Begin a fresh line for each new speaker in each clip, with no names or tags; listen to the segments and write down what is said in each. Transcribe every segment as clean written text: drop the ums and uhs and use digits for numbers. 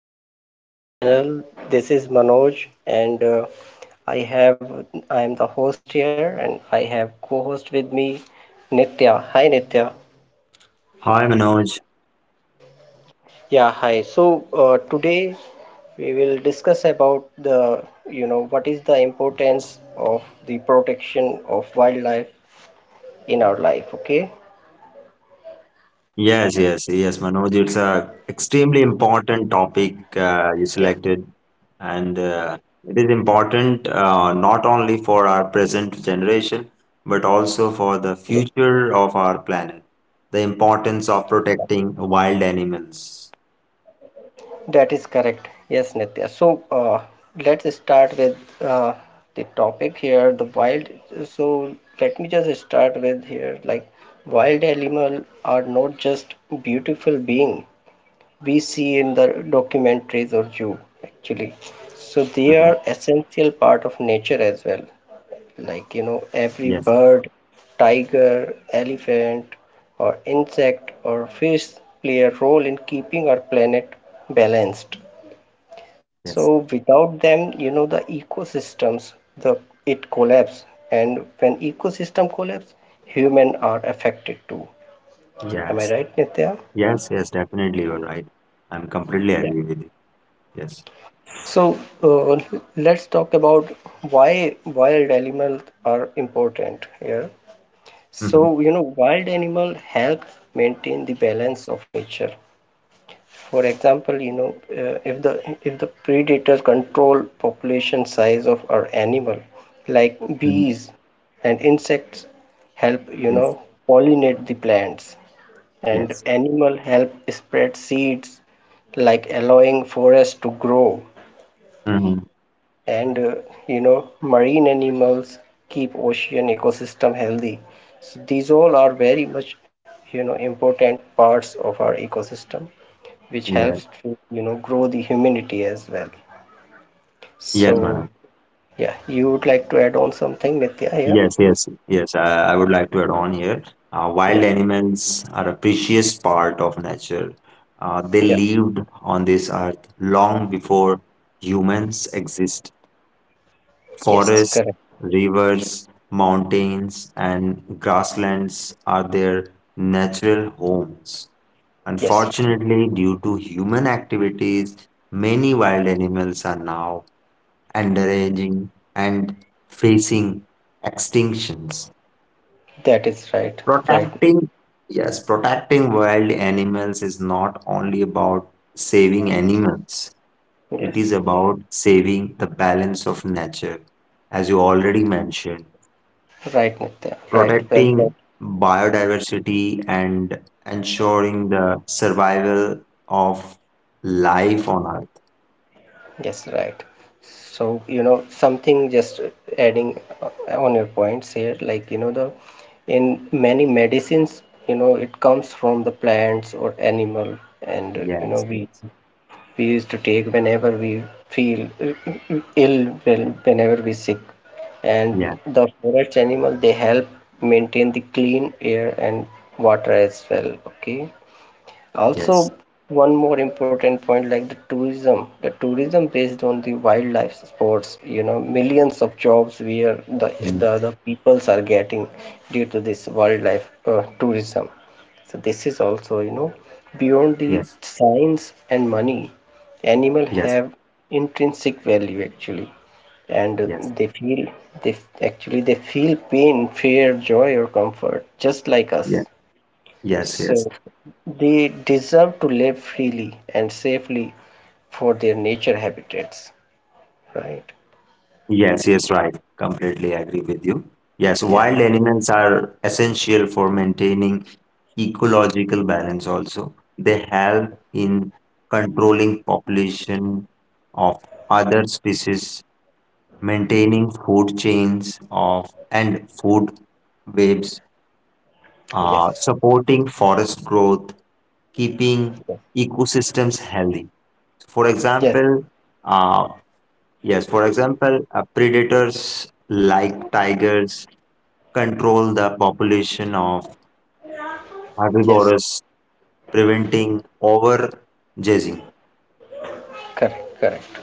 to our podcast channel. This is Manoj, and I am the host here, and I have co-host with me, Nitya. Hi, Nitya.
Hi Manoj.
Yeah, hi. So today we will discuss about the you know what is the importance of the protection of wildlife in our life. Okay.
Yes, yes, yes, Manoj. It's a extremely important topic
Yeah.
you selected, and it is important not only for our present generation but also for the
Yeah.
future of our planet. The importance of protecting wild animals.
That is correct. Yes, Nitya. So let's start with uh, the topic here, the wild. So let me just start with here, like wild animal are not just beautiful being we see in the documentaries or zoo actually. So they are
Mhm.
essential part of nature as well. Like every
Yes,
bird, tiger, elephant, or insect or fish play a role in keeping our planet balanced,
yes,
so without them, the ecosystems, the it collapse, and when ecosystem collapse, human are affected too. Am I
yes,
right, Nitya?
yes, yes. Definitely, you're right. I'm completely agree with you. Yes.
So uh, let's talk about why wild animals are important here.
Hmm.
So wild animal help maintain the balance of nature. For example, if the predators control population size of our animal, like bees and insects help,
Yes.
pollinate the plants, and
Yes.
animal help spread seeds, like allowing forests to grow,
Hmm.
and marine animals keep ocean ecosystem healthy. So these all are very much, important parts of our ecosystem, which helps
Yes.
to, grow the humanity as well.
Yes,
So,
Manoj.
yeah, you would like to add on something, Nitya, here?
Yes, yes, yes. I would like to add on here.
Yeah,
Wild animals are a precious part of nature. They
yeah,
lived on this earth long before humans exist.
yes,
Forests,
correct.
rivers, mountains, and grasslands are their natural homes.
Yes,
Unfortunately, due to human activities, many wild animals are now endangered and facing extinctions.
that is right, right.
Protecting, yes, protecting wild animals is not only about saving animals, it
Yes,
is about saving the balance of nature, as you already mentioned,
right, Nitya, right. Well said.
protecting biodiversity and ensuring the survival of life on Earth.
Yes, right. So, something just adding on your points here, like, the in many medicines, it comes from the plants or animal, and
Yes,
we
yes,
we used to take whenever we feel ill, whenever we sick.
yeah,
And the forest animal they help maintain the clean air and water as well. Okay, also
yes,
one more important point, like the tourism, the tourism based on the wildlife sports, millions of jobs where the
mm,
the, the peoples are getting due to this wildlife tourism. So this is also, beyond the
yes,
science and money, animal
yes,
have intrinsic value actually, and
yes,
they feel, actually they feel pain, fear, joy or comfort, just like us.
yes, yes,
So
yes.
they deserve to live freely and safely for their nature habitats, right?
Yes, yes, right. Completely agree with you. Yes,
Yeah.
wild animals are essential for maintaining ecological balance also. They help in controlling population of other species, maintaining food chains of and food webs,
Yes.
supporting forest growth, keeping ecosystems healthy. For
Yes.
example, uh, yes, for example, predators like tigers control the population of
Yes.
herbivores, preventing overgrazing.
Correct. Correct.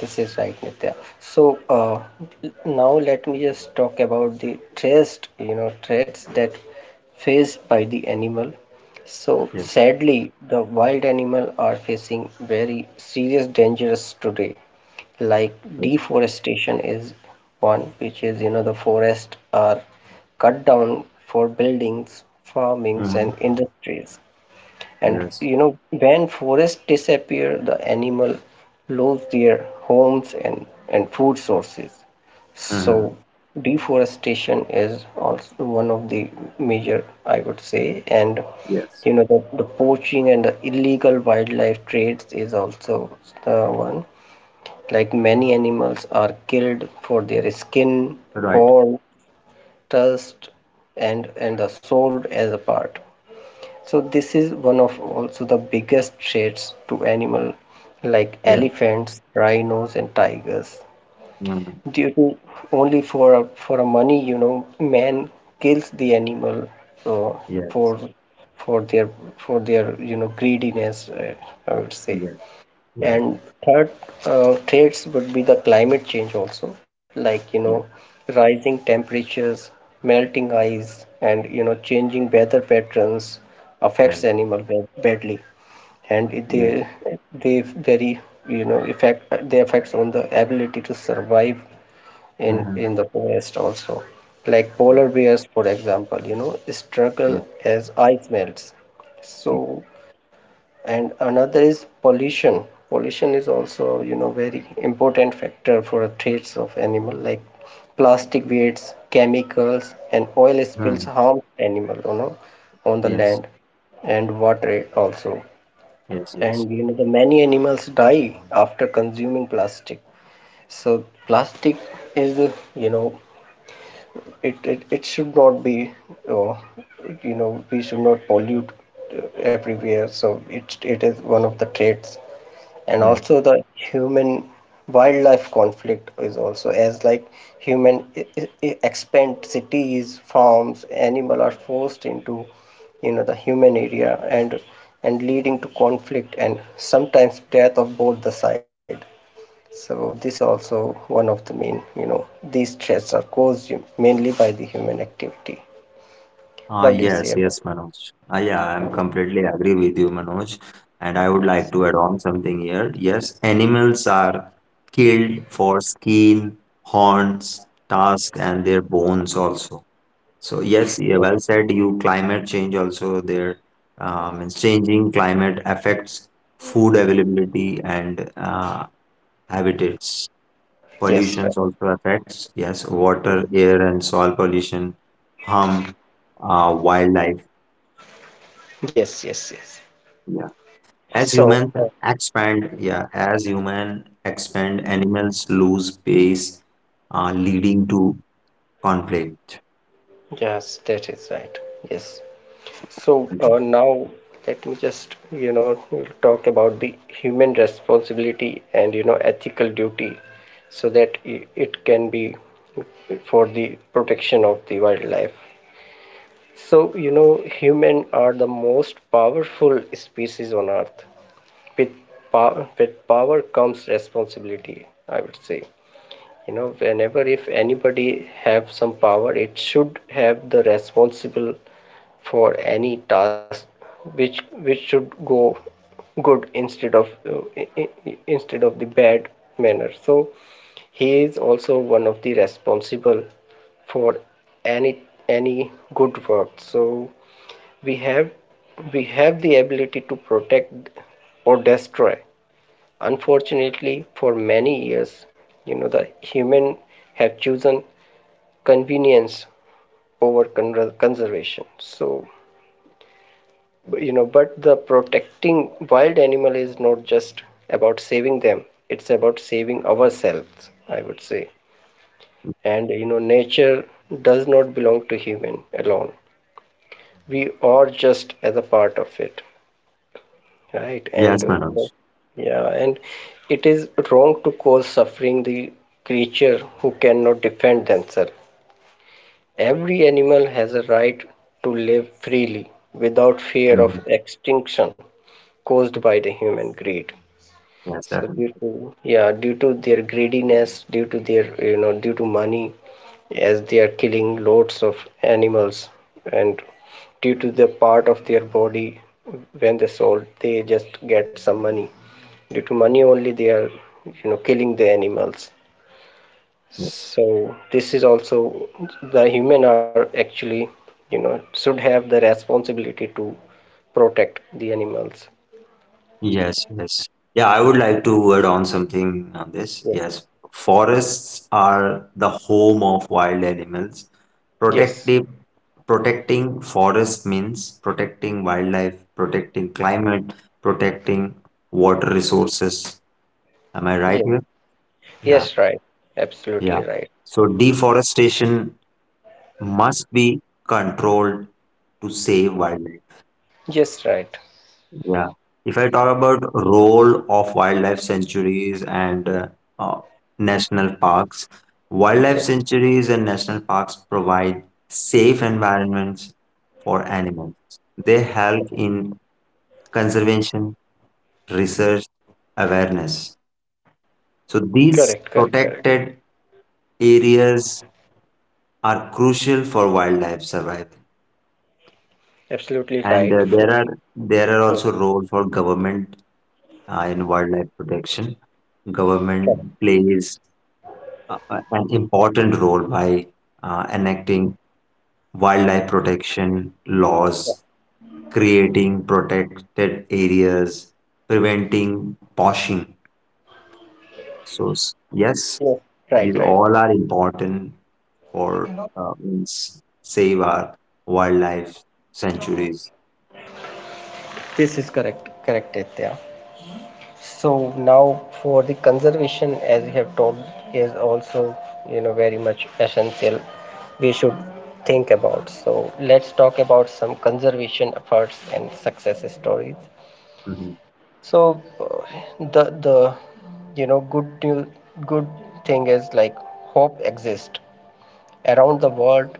This is right, Nitya. So now let me just talk about the threats, threats that faced by the animal. So
Yes.
sadly, the wild animal are facing very serious dangers today, like
Yes.
deforestation is one, which is, the forests are cut down for buildings, farmings and
Hmm.
industries, and
Yes.
when forests disappear, the animal lose their homes and food sources. So
Hmm.
deforestation is also one of the major, I would say. And
Yes.
the poaching and the illegal wildlife trades is also the one, like many animals are killed for their skin,
Right.
horn, tusks, and are sold as a part. So this is one of also the biggest threats to animal like
Yes.
elephants, rhinos, and tigers.
Hmm.
Due to, only for for a money, man kills the animal, uh,
Yes.
for for their for their, greediness, I would say.
Yes. Yes.
And third, threats would be the climate change also, like
Yes.
rising temperatures, melting ice, and changing weather patterns affects
Yes.
animal badly, and
Yes.
they very, you know effect they affects on the ability to survive
Hmm.
in the forest also. Like polar bears, for example, struggle
Yes.
as ice melts.
Yes.
So, and another is pollution. Pollution is also, very important factor for threats of animal, like plastic waste, chemicals and oil spills
Hmm.
harm animal, on the
Yes.
land and water also.
Yes. Yes.
And the many animals die after consuming plastic. So plastic is, it should not be, uh, we should not pollute everywhere. So it is one of the traits. And
Yes.
also the human wildlife conflict is also, as like human expand cities, farms, animal are forced into, the human area, and leading to conflict and sometimes death of both the side. So this is also one of the main, these threats are caused mainly by the human activity.
Ah,
What do you say
yes,
about?
yes, Manoj. Ah, yeah, I'm completely agree with you, Manoj. And I would like to add on something here. Yes, animals are killed for skin, horns, tusks, and their bones also. So yes, yeah, well said. You climate change also there. It's changing climate affects food availability and habitats.
Yes,
Pollutions
right.
also affects. Yes, water, air, and soil pollution harm wildlife.
Yes, yes, yes.
Yeah. As
So
humans
uh,
yeah, as human expand, animals lose space, leading to conflict.
yes, that is right. Yes. So
Mhm.
now let me just, we'll talk about the human responsibility and ethical duty, so that it can be for the protection of the wildlife. So human are the most powerful species on earth. With power, with power comes responsibility, I would say. Whenever, if anybody have some power, it should have the responsible for any task which, should go good instead of the bad manner. So he is also one of the responsible for any, any good work. So we have we have the ability to protect or destroy. Unfortunately, for many years, the human have chosen convenience over conservation. So, but the protecting wild animal is not just about saving them; it's about saving ourselves, I would say. And nature does not belong to human alone. We are just as a part of it. Right, and
Yes,
yeah,
Manoj.
yeah, and it is wrong to cause suffering the creature who cannot defend themselves. Every animal has a right to live freely without fear
Mhm.
of extinction caused by the human greed.
Yes,
So due
definitely.
to, yeah, due to their greediness, due to their, due to money, as they are killing loads of animals, and due to the part of their body when they sold, they just get some money. Due to money only, they are, killing the animals.
Yes.
So this is also the human are actually, should have the responsibility to protect the animals.
Yes, yes. Yeah, I would like to add on something on this.
Yes.
Yes, forests are the home of wild animals.
Yes.
Protective, protecting forest means protecting wildlife, protecting climate, protecting water resources. Am I right
Yes.
here? Yeah,
Yes, right. Absolutely
yeah.
right.
So deforestation must be controlled to save wildlife.
Yes, right.
Yeah. If I talk about role of wildlife sanctuaries and uh, national parks, wildlife
Yes.
sanctuaries and national parks provide safe environments for animals. They help in conservation, research, awareness.
Correct,
So
correct, correct.
these protected areas are crucial for wildlife survival.
Absolutely
And
right.
there
For the
are there are
Mhm.
also roles for government in wildlife protection.
Correct.
Government plays an important role by enacting wildlife protection
Yeah.
laws, creating protected areas, preventing poaching. So yes,
Yes.
these
Right, right.
all are important for means save our wildlife sanctuaries.
This is correct. Correct, Aditya. So now for the conservation, as you have told, is also, very much essential. We should think about. So let's talk about some conservation efforts and success stories.
Mhm.
So the you know good to, good thing is like hope exists around the world.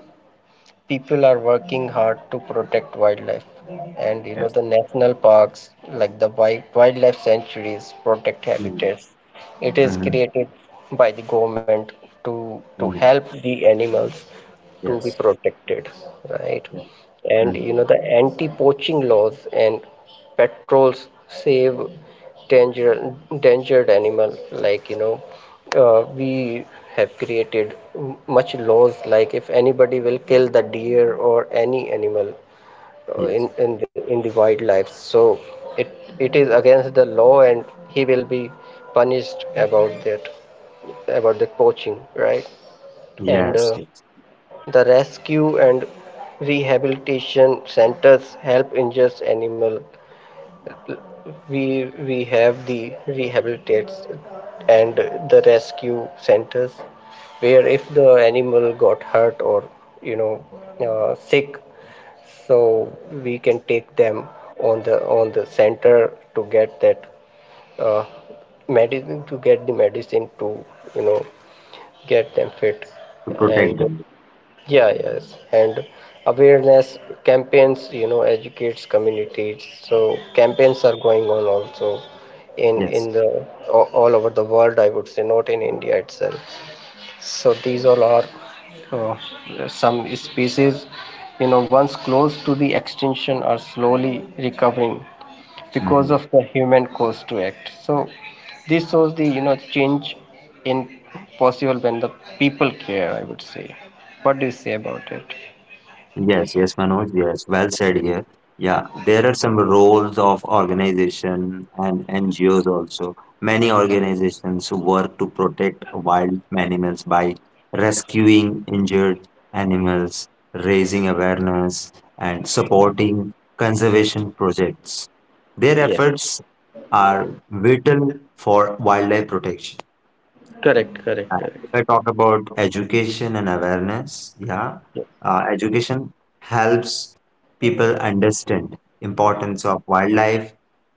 People are working hard to protect wildlife, and
Yes.
the national parks, like the wildlife sanctuaries protect
Mm,
habitats. It is
mhm,
created by the government to
mm,
help the animals to be
yes.
protected, right?
Yeah.
And
Mm,
the anti-poaching laws and patrols save danger, endangered animal, like we have created much laws, like if anybody will kill the deer or any animal
yes.
in the wildlife. So it it is against the law and he will be punished about that, about the poaching, right? And
Yes. Yes.
the rescue and rehabilitation centers help injured animal. We have the rehabilitates and the rescue centers, where if the animal got hurt or, you know sick, so we can take them on the, center to get that, uh, medicine to get the medicine to, you know get them fit.
To protect
And
them.
yeah, yes, and awareness campaigns, educates communities. So campaigns are going on also
Yes.
in the, all over the world, I would say, not in India itself. So these all are, uh, some species, once close to the extinction are slowly recovering because
Mhm.
of the human cost to act. So this shows the, change in possible when the people care, I would say. What do you say about it?
Yes, yes, Manoj, yes, well said here. Yeah, there are some roles of organization and NGOs also. Many organizations work to protect wild animals by rescuing injured animals, raising awareness, and supporting conservation projects. Their
Yes,
efforts are vital for wildlife protection.
correct, correct,
If
correct.
I talk about education and awareness, yeah,
Ye-
education helps people understand importance of wildlife,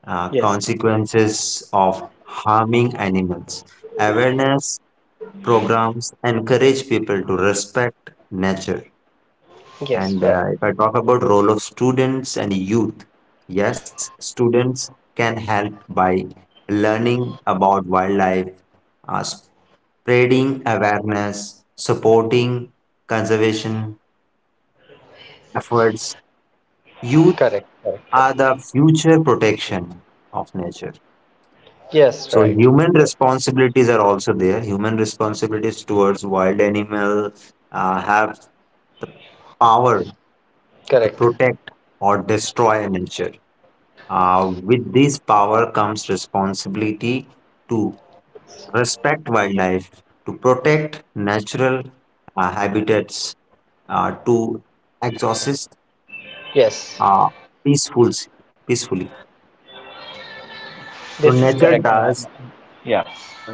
Yes,
consequences of harming animals. Awareness programs encourage people to respect nature.
yes,
And
right,
if I talk about role of students and youth, yes, students can help by learning about wildlife, uh, spreading awareness, supporting conservation efforts. Youth
correct, correct,
are
correct,
the future protection of nature.
yes,
So
right,
human
right,
responsibilities are also there. Human responsibilities towards wild animal have the power to
correct,
protect or destroy nature. With this power comes responsibility to respect wildlife, to protect natural habitats, to exhaust.
yes,
uh, Peaceful, peacefully. So
this is
nature
correct, Nitya.
does,
Yeah.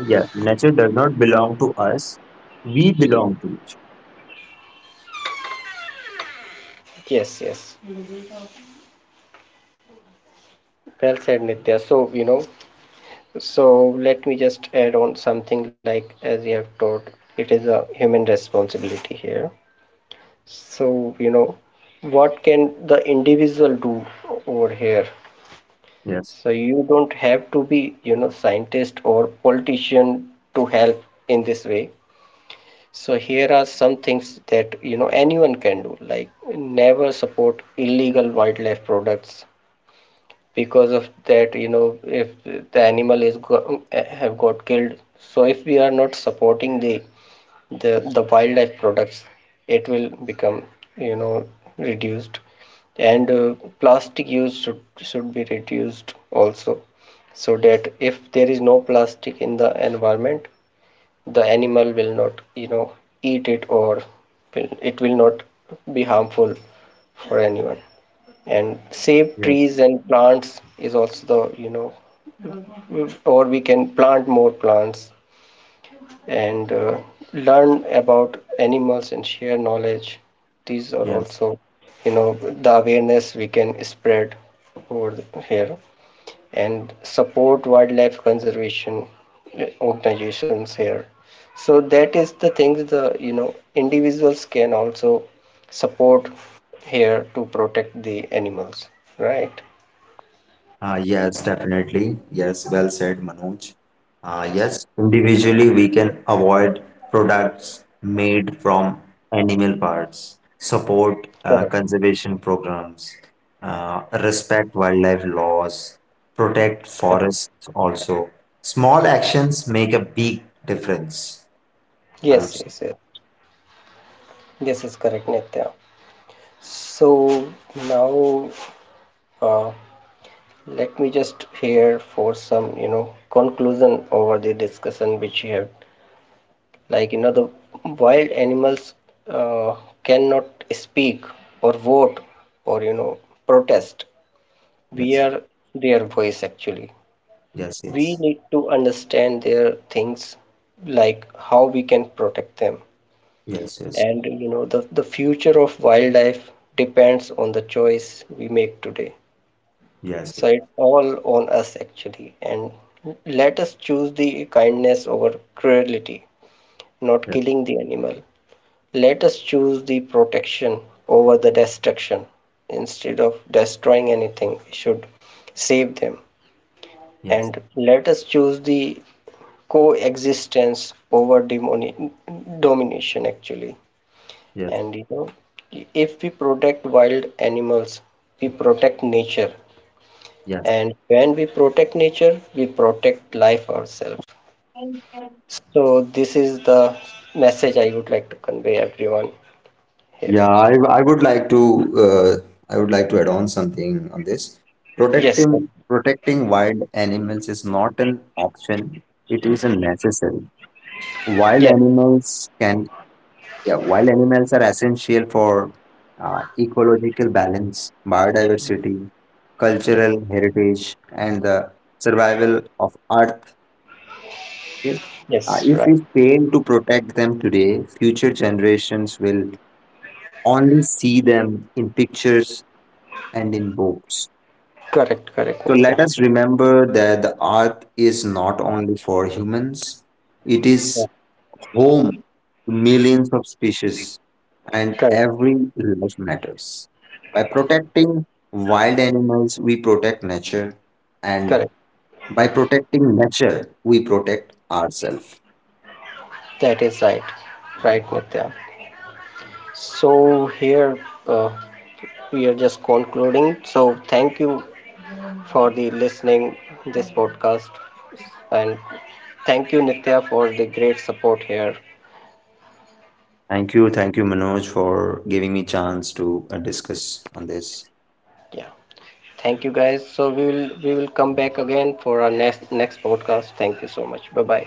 yeah, nature does not belong to us. We belong to nature.
Yes, yes. Well said, Nitya. So, so let me just add on something, like as you have taught, it is a human responsibility here. So, what can the individual do over here?
Yes,
So you don't have to be, scientist or politician to help in this way. So here are some things that, anyone can do, like never support illegal wildlife products. Because of that, if the animal is have got killed, so if we are not supporting the wildlife products, it will become, you know reduced. And plastic use should, be reduced also, so that if there is no plastic in the environment, the animal will not, eat it, or it will not be harmful for anyone. And save
yes,
trees and plants is also the, or we can plant more plants, and learn about animals and share knowledge. These are
yes.
also, the awareness we can spread here, and support wildlife conservation organizations here. So that is the things the, individuals can also support here to protect the animals, right?
Yes, definitely. Yes, well said, Manoj.
Yes.
Yes, individually we can avoid products made from animal parts, support
Correct.
conservation programs, respect wildlife laws, protect
Correct.
forests also. Small actions make a big difference, I would
Yes,
say.
yes, yes. This is correct, Nitya. So now, uh, let me just here for some, conclusion over the discussion which you have. Like, the wild animals, uh, cannot speak or vote or, protest. We
Yes,
are their voice actually.
yes,
We
yes,
need to understand their things, like how we can protect them.
yes, yes,
And, the future of wildlife depends on the choice we make today.
yes,
So it's all on us actually, and let us choose the kindness over cruelty, not
yes,
killing the animal. Let us choose the protection over the destruction. Instead of destroying anything, we should save them.
yes,
And let us choose the coexistence over domination actually.
yes,
And if we protect wild animals, we protect nature,
yes.
and when we protect nature, we protect life ourselves. So this is the message I would like to convey everyone here.
Yeah, I would like to uh, I would like to add on something on this.
Yes, yes,
Protecting wild animals is not an option; it is a necessary. Wild
yes,
animals can yeah, wild animals are essential for ecological balance, biodiversity,
yes,
cultural heritage, and the survival of Earth. Okay?
yes,
If we
right,
fail to protect them today, future generations will only see them in pictures and in books.
correct, correct,
So let
Nitya.
us remember that the earth is not only for humans, it is
Yeah,
home to millions of species, and
correct,
every life matters. By protecting wild animals, we protect nature, and
correct,
by protecting nature, we protect ourselves.
that is right, right, Nitya. So here, uh, we are just concluding. So thank you for the listening this podcast, and thank you, Nitya, for the great support here.
Thank you, Manoj, for giving me chance to discuss on this.
Yeah, thank you guys. So we will come back again for our next, podcast. Thank you so much. Bye bye.